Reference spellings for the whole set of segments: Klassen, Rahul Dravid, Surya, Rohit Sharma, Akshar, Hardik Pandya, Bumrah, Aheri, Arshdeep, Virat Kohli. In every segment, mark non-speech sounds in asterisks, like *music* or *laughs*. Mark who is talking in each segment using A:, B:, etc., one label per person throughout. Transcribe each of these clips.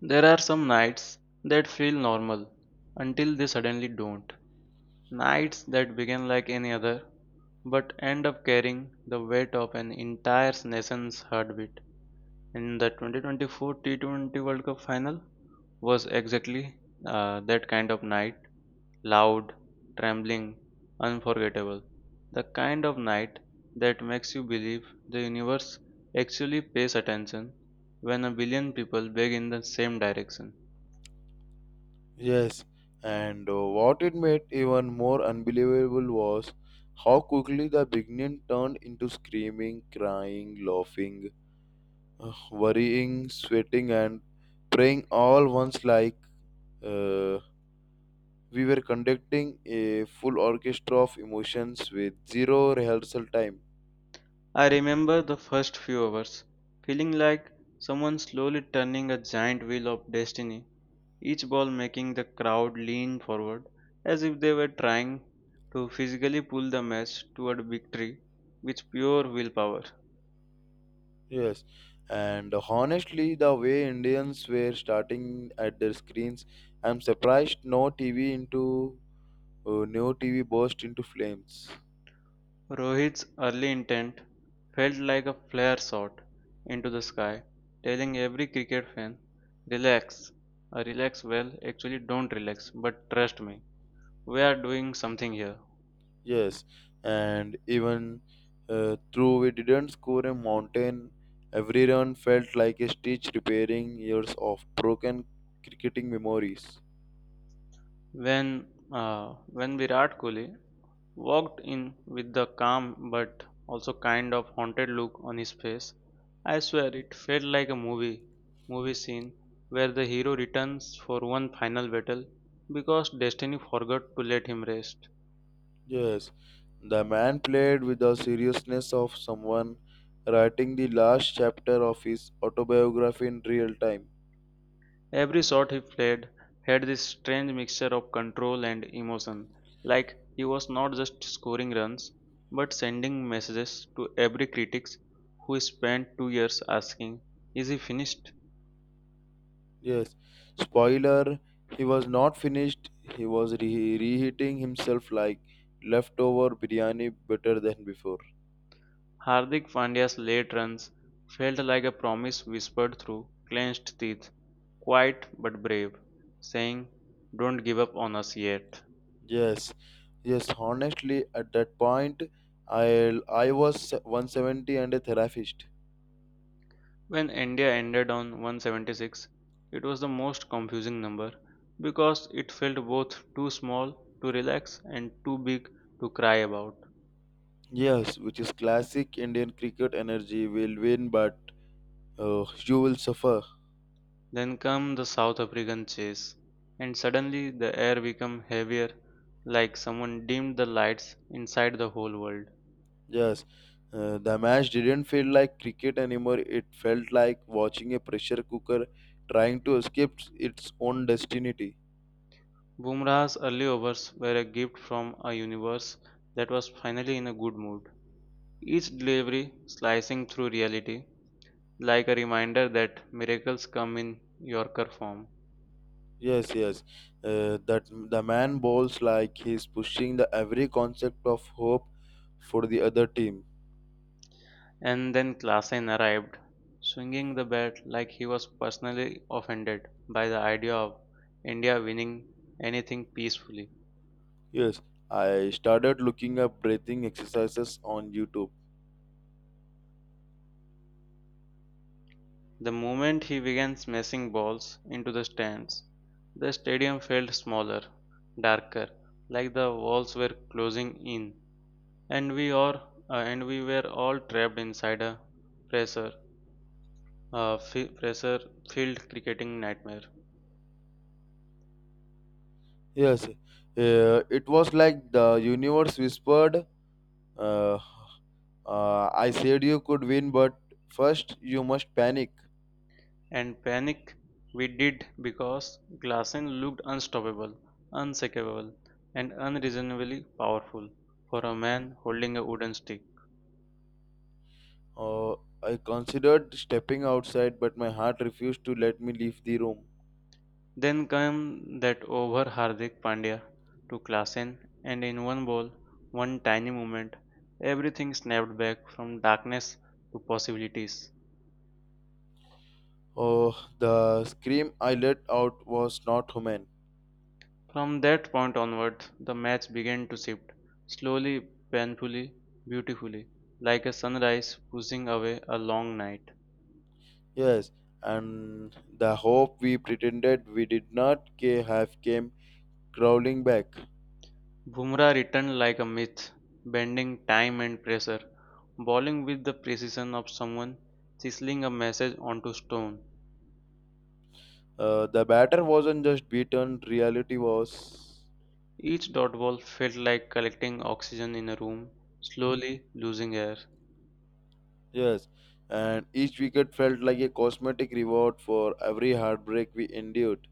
A: There are some nights that feel normal until they suddenly don't. Nights that begin like any other but end up carrying the weight of an entire nation's heartbeat in the 2024 T20 World Cup final was exactly that kind of night, loud, trembling, unforgettable. The kind of night that makes you believe the universe actually pays attention when a billion people beg in the same direction.
B: Yes, and what it made even more unbelievable was how quickly the beginning turned into screaming, crying, laughing, worrying, sweating, and praying all once like uh, we were conducting a full orchestra of emotions with zero rehearsal time.
A: I remember the first few hours feeling like someone slowly turning a giant wheel of destiny, each ball making the crowd lean forward as if they were trying to physically pull the match toward victory with pure willpower.
B: Yes, and honestly, the way Indians were starting at their screens, I'm surprised no TV into Neo TV burst into flames.
A: Rohit's early intent felt like a flare shot into the sky, telling every cricket fan, relax, relax, well, actually don't relax, but trust me, we are doing something here.
B: Yes, and even though we didn't score a mountain, every run felt like a stitch repairing years of broken cricketing memories.
A: When when Virat Kohli walked in with the calm but also kind of haunted look on his face, I swear it felt like a movie scene where the hero returns for one final battle because destiny forgot to let him rest.
B: Yes, the man played with the seriousness of someone writing the last chapter of his autobiography in real time.
A: Every shot he played had this strange mixture of control and emotion, like he was not just scoring runs but sending messages to every critic who spent 2 years asking, is he finished?
B: Yes. Spoiler, he was not finished. He was reheating himself like leftover biryani better than before.
A: Hardik Pandya's late runs felt like a promise whispered through clenched teeth, quiet but brave, saying, don't give up on us yet.
B: Yes. Yes, honestly, at that point, I was 170 and a therapist.
A: When India ended on 176, it was the most confusing number because it felt both too small to relax and too big to cry about.
B: Yes, which is classic Indian cricket energy will win, but uh, you will suffer.
A: Then come the South African chase, and suddenly the air became heavier, like someone dimmed the lights inside the whole world.
B: Yes, the match didn't feel like cricket anymore. It felt like watching a pressure cooker trying to escape its own destiny.
A: Bumrah's early overs were a gift from a universe that was finally in a good mood. Each delivery slicing through reality like a reminder that miracles come in Yorker form.
B: Yes, yes. That the man bowls like he's pushing the every concept of hope for the other team.
A: And then Klassen arrived, swinging the bat like he was personally offended by the idea of India winning anything peacefully.
B: Yes, I started looking up breathing exercises on YouTube.
A: The moment he began smashing balls into the stands, the stadium felt smaller, darker, like the walls were closing in. and we are and we were all trapped inside a pressure pressure filled cricketing nightmare.
B: Yes, it was like the universe whispered, uh, "I said you could win, but first you must panic."
A: And panic we did, because Glasson looked unstoppable, unshakable, and unreasonably powerful for a man holding a wooden stick.
B: Uh, I considered stepping outside, but my heart refused to let me leave the room.
A: Then came that over, Hardik Pandya to Klassen, and in one ball, one tiny moment, everything snapped back from darkness to possibilities.
B: Oh, the scream I let out was not human.
A: From that point onward, the match began to shift, slowly, painfully, beautifully, like a sunrise pushing away a long night.
B: Yes, and the hope we pretended we did not have came crawling back.
A: Bumrah returned like a myth, bending time and pressure, bowling with the precision of someone chiseling a message onto stone.
B: The batter wasn't just beaten, reality was.
A: Each dot ball felt like collecting oxygen in a room, slowly losing air.
B: Yes, and each wicket felt like a cosmetic reward for every heartbreak we endured.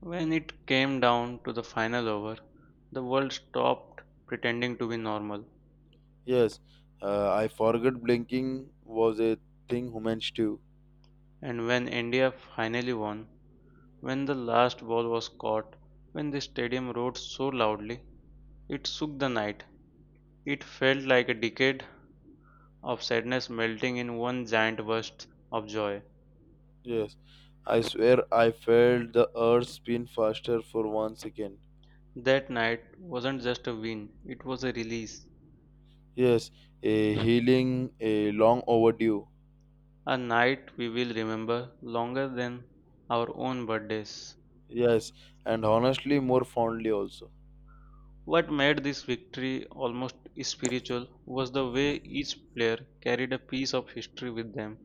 A: When it came down to the final over, the world stopped pretending to be normal.
B: Yes, I forgot blinking was a thing humans do.
A: And when India finally won, when the last ball was caught, when the stadium roared so loudly, it shook the night. It felt like a decade of sadness melting in one giant burst of joy.
B: Yes, I swear I felt the earth spin faster for 1 second.
A: That night wasn't just a win, it was a release.
B: Yes, a healing, a long overdue.
A: A night we will remember longer than our own birthdays.
B: Yes, and honestly, more fondly also.
A: What made this victory almost spiritual was the way each player carried a piece of history with them,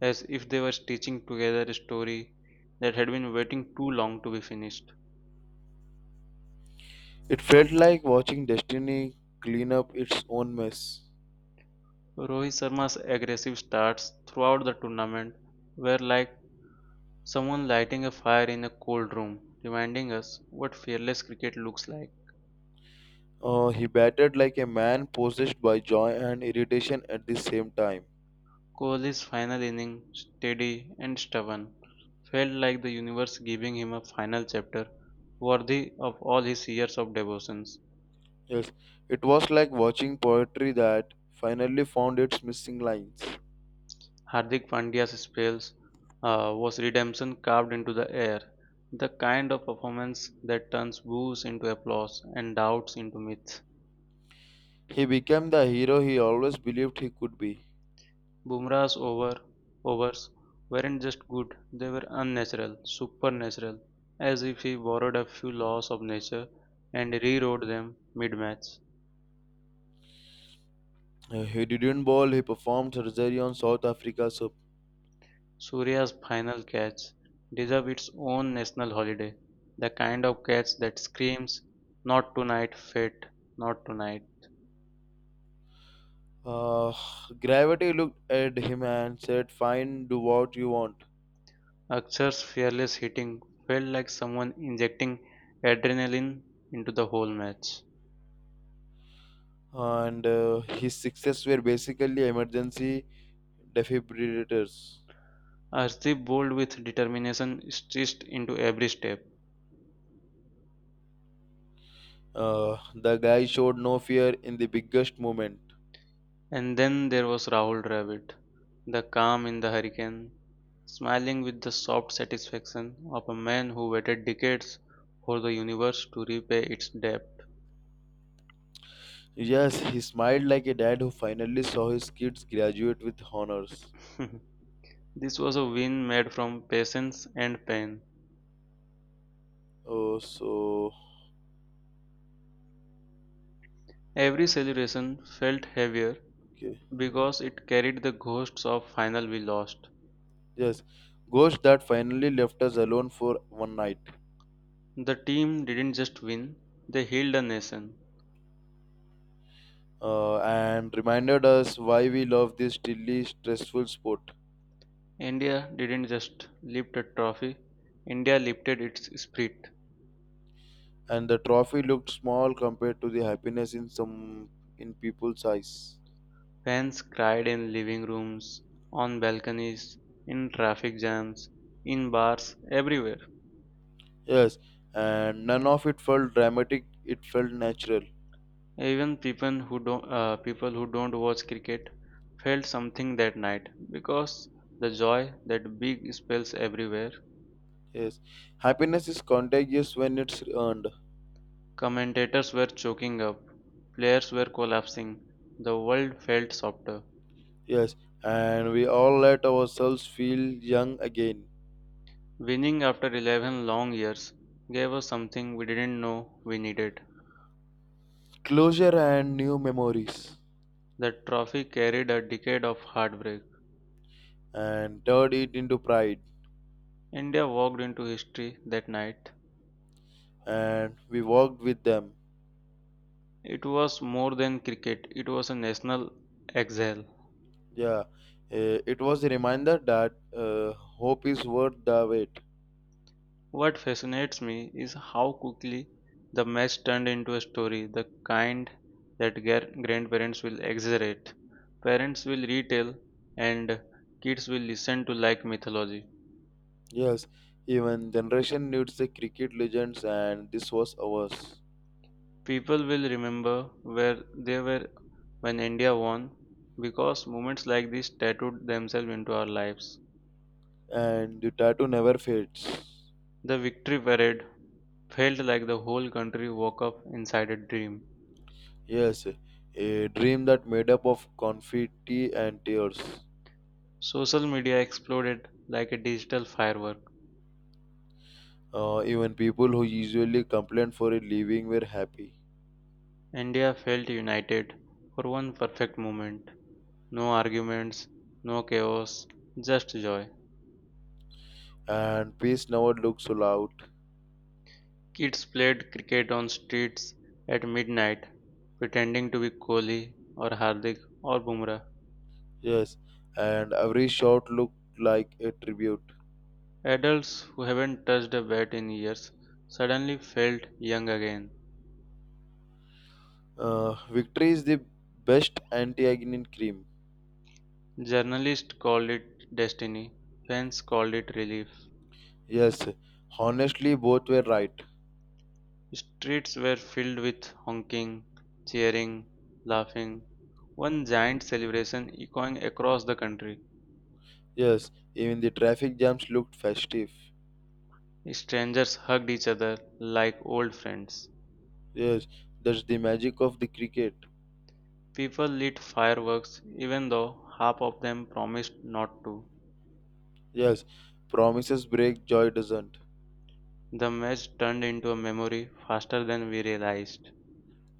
A: as if they were stitching together a story that had been waiting too long to be finished.
B: It felt like watching Destiny clean up its own mess.
A: Rohit Sharma's aggressive starts throughout the tournament were like someone lighting a fire in a cold room, reminding us what fearless cricket looks like.
B: He batted like a man possessed by joy and irritation at the same time.
A: Kohli's final inning, steady and stubborn, felt like the universe giving him a final chapter worthy of all his years of devotion.
B: Yes, it was like watching poetry that finally found its missing lines.
A: Hardik Pandya's spells was redemption carved into the air, the kind of performance that turns boos into applause and doubts into myths.
B: He became the hero he always believed he could be.
A: Bumrah's overs weren't just good; they were unnatural, supernatural, as if he borrowed a few laws of nature and rewrote them mid-match.
B: He didn't bowl, he performed surgery on South Africa. So,
A: Surya's final catch deserved its own national holiday, the kind of catch that screams, "Not tonight, fate! Not tonight!"
B: uh, gravity looked at him and said, Fine, do what you want.
A: Akshar's fearless hitting felt like someone injecting adrenaline into the whole match.
B: And his success were basically emergency defibrillators.
A: Arshdeep bowled with determination stitched into every step.
B: The guy showed no fear in the biggest moment.
A: And then there was Rahul Dravid, the calm in the hurricane, smiling with the soft satisfaction of a man who waited decades for the universe to repay its debt.
B: Yes, he smiled like a dad who finally saw his kids graduate with honors.
A: *laughs* This was a win made from patience and pain.
B: Oh, so
A: Every celebration felt heavier
B: okay.
A: because it carried the ghosts of final we lost.
B: Yes, ghost that finally left us alone for one night
A: The team didn't just win, they healed a nation.
B: and reminded us why we love this silly, stressful sport.
A: India didn't just lift a trophy, India lifted its spirit.
B: And the trophy looked small compared to the happiness in some in people's eyes.
A: Fans cried in living rooms, on balconies, in traffic jams, in bars, everywhere.
B: Yes, and none of it felt dramatic, it felt natural.
A: Even people who don't watch cricket felt something that night because the joy that big spells everywhere.
B: Yes, happiness is contagious when it's earned.
A: Commentators were choking up, players were collapsing, the world felt softer.
B: Yes, and we all let ourselves feel young again.
A: Winning after 11 long years gave us something we didn't know we needed.
B: Closure and new memories,
A: That trophy carried a decade of heartbreak.
B: and turned it into pride,
A: India walked into history that night.
B: and we walked with them.
A: It was more than cricket, it was a national exhale.
B: Yeah, it was a reminder that hope is worth the wait.
A: What fascinates me is how quickly the match turned into a story, the kind that grandparents will exaggerate, parents will retell, and kids will listen to like mythology.
B: Yes, even generation needs the cricket legends, and this was ours.
A: People will remember where they were when India won, because moments like this tattooed themselves into our lives.
B: And the tattoo never fades.
A: The victory parade felt like the whole country woke up inside a dream.
B: Yes, a dream that made up of confetti and tears.
A: Social media exploded like a digital firework.
B: Even people who usually complain for a living were happy,
A: India felt united for one perfect moment. No arguments, no chaos, just joy.
B: and peace never looked so loud.
A: Kids played cricket on streets at midnight, pretending to be Kohli or Hardik or Bumrah.
B: Yes, and every shot looked like a tribute.
A: Adults who haven't touched a bat in years suddenly felt young again.
B: Victory is the best anti-agnin cream.
A: Journalists called it destiny, fans called it relief.
B: Yes, honestly, both were right.
A: Streets were filled with honking, cheering, laughing, one giant celebration echoing across the country.
B: Yes, even the traffic jams looked festive.
A: Strangers hugged each other like old friends.
B: Yes, that's the magic of the cricket.
A: People lit fireworks even though half of them promised not to.
B: Yes, promises break, joy doesn't.
A: The match turned into a memory faster than we realized.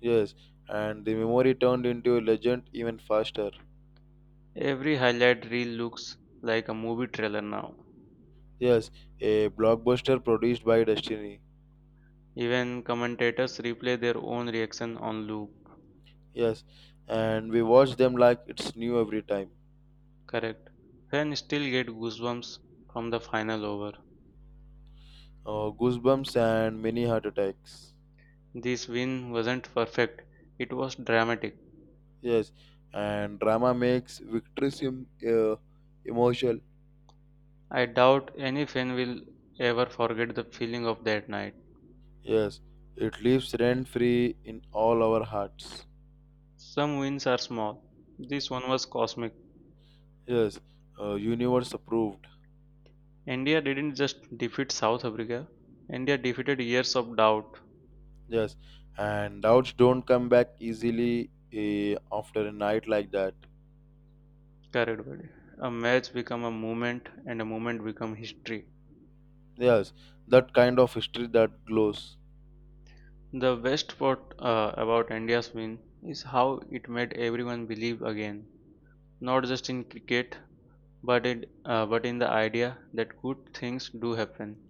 B: Yes, and the memory turned into a legend even faster.
A: Every highlight reel looks like a movie trailer now.
B: Yes, a blockbuster produced by Destiny.
A: Even commentators replay their own reaction on loop.
B: Yes, and we watch them like it's new every time.
A: Correct. Fans still get goosebumps from the final over.
B: Goosebumps and mini heart attacks.
A: This win wasn't perfect, it was dramatic.
B: Yes, and drama makes victory seem emotional.
A: I doubt any fan will ever forget the feeling of that night.
B: Yes, it lives rent free in all our hearts.
A: Some wins are small. This one was cosmic.
B: Yes, universe approved.
A: India didn't just defeat South Africa, India defeated years of doubt.
B: Yes, and doubts don't come back easily after a night like that.
A: Correct, buddy. A match become a movement, and a movement become history.
B: Yes, that kind of history that glows.
A: The best part about India's win is how it made everyone believe again, not just in cricket, but it but in the idea that good things do happen,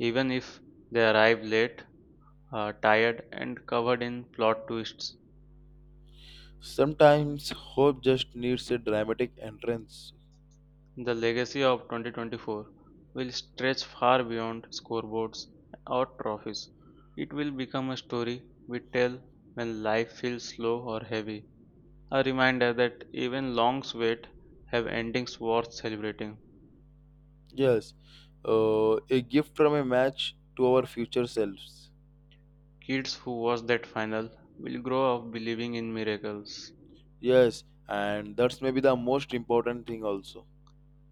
A: even if they arrive late, tired, and covered in plot twists.
B: Sometimes hope just needs a dramatic entrance.
A: The legacy of 2024 will stretch far beyond scoreboards or trophies. It will become a story we tell when life feels slow or heavy. A reminder that even longs waits have endings worth celebrating.
B: Yes, a gift from a match to our future selves.
A: Kids who watch that final will grow up believing in miracles.
B: Yes, and that's maybe the most important thing also.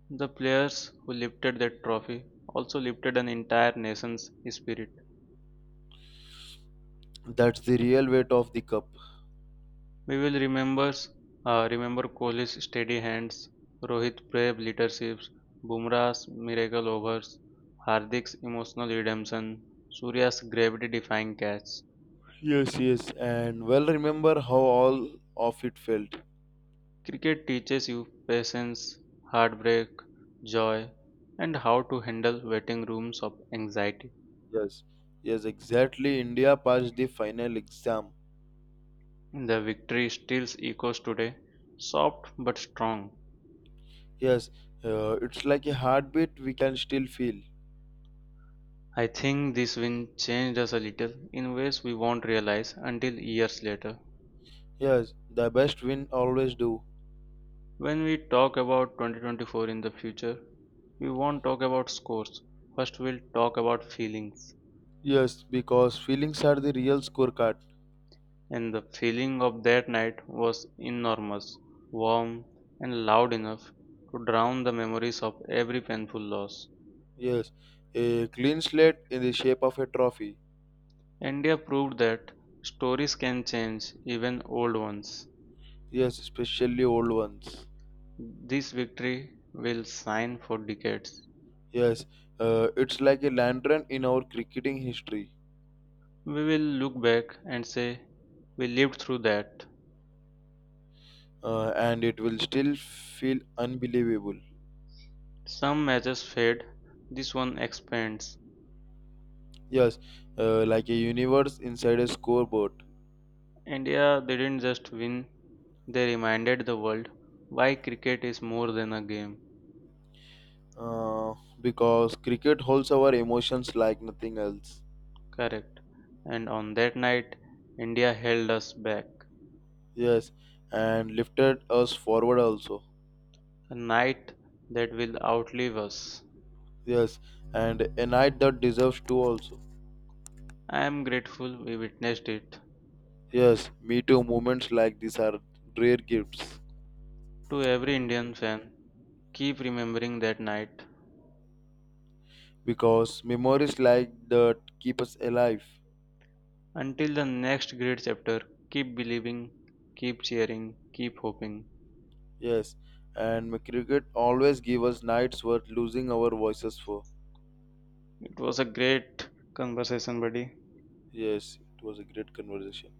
A: The players who lifted that trophy also lifted an entire nation's spirit.
B: That's the real weight of the cup.
A: We will remember Kohli's steady hands, Rohit's brave leaderships, Bumrah's miracle overs, Hardik's emotional redemption, Surya's gravity-defying catch.
B: Yes, yes, and well remember how all of it felt.
A: Cricket teaches you patience, heartbreak, joy, and how to handle waiting rooms of anxiety.
B: Yes, yes, exactly. India passed the final exam.
A: The victory still echoes today, soft but strong.
B: Yes, it's like a heartbeat we can still feel.
A: I think this win changed us a little in ways we won't realize until years later.
B: Yes, the best win always do.
A: When we talk about 2024 in the future, we won't talk about scores. First, we'll talk about feelings.
B: Yes, because feelings are the real scorecard.
A: And the feeling of that night was enormous, warm, and loud enough to drown the memories of every painful loss.
B: Yes, a clean slate in the shape of a trophy.
A: India proved that stories can change, even old ones.
B: Yes, especially old ones.
A: This victory will shine for decades.
B: Yes, it's like a lantern in our cricketing history,
A: We will look back and say, we lived through that.
B: and it will still feel unbelievable.
A: Some matches fade, this one expands.
B: Yes, like a universe inside a scoreboard.
A: India didn't just win, they reminded the world why cricket is more than a game.
B: Uh, because cricket holds our emotions like nothing else.
A: Correct. And on that night, India held us back.
B: Yes, and lifted us forward also.
A: A night that will outlive us.
B: Yes, and a night that deserves two also.
A: I am grateful we witnessed it.
B: Yes, Me Too moments like these are rare gifts
A: To every Indian fan, keep remembering that night.
B: because memories like that keep us alive.
A: Until the next great chapter, keep believing, keep cheering, keep hoping.
B: Yes, and cricket always give us nights worth losing our voices for.
A: It was a great conversation, buddy.
B: Yes, it was a great conversation.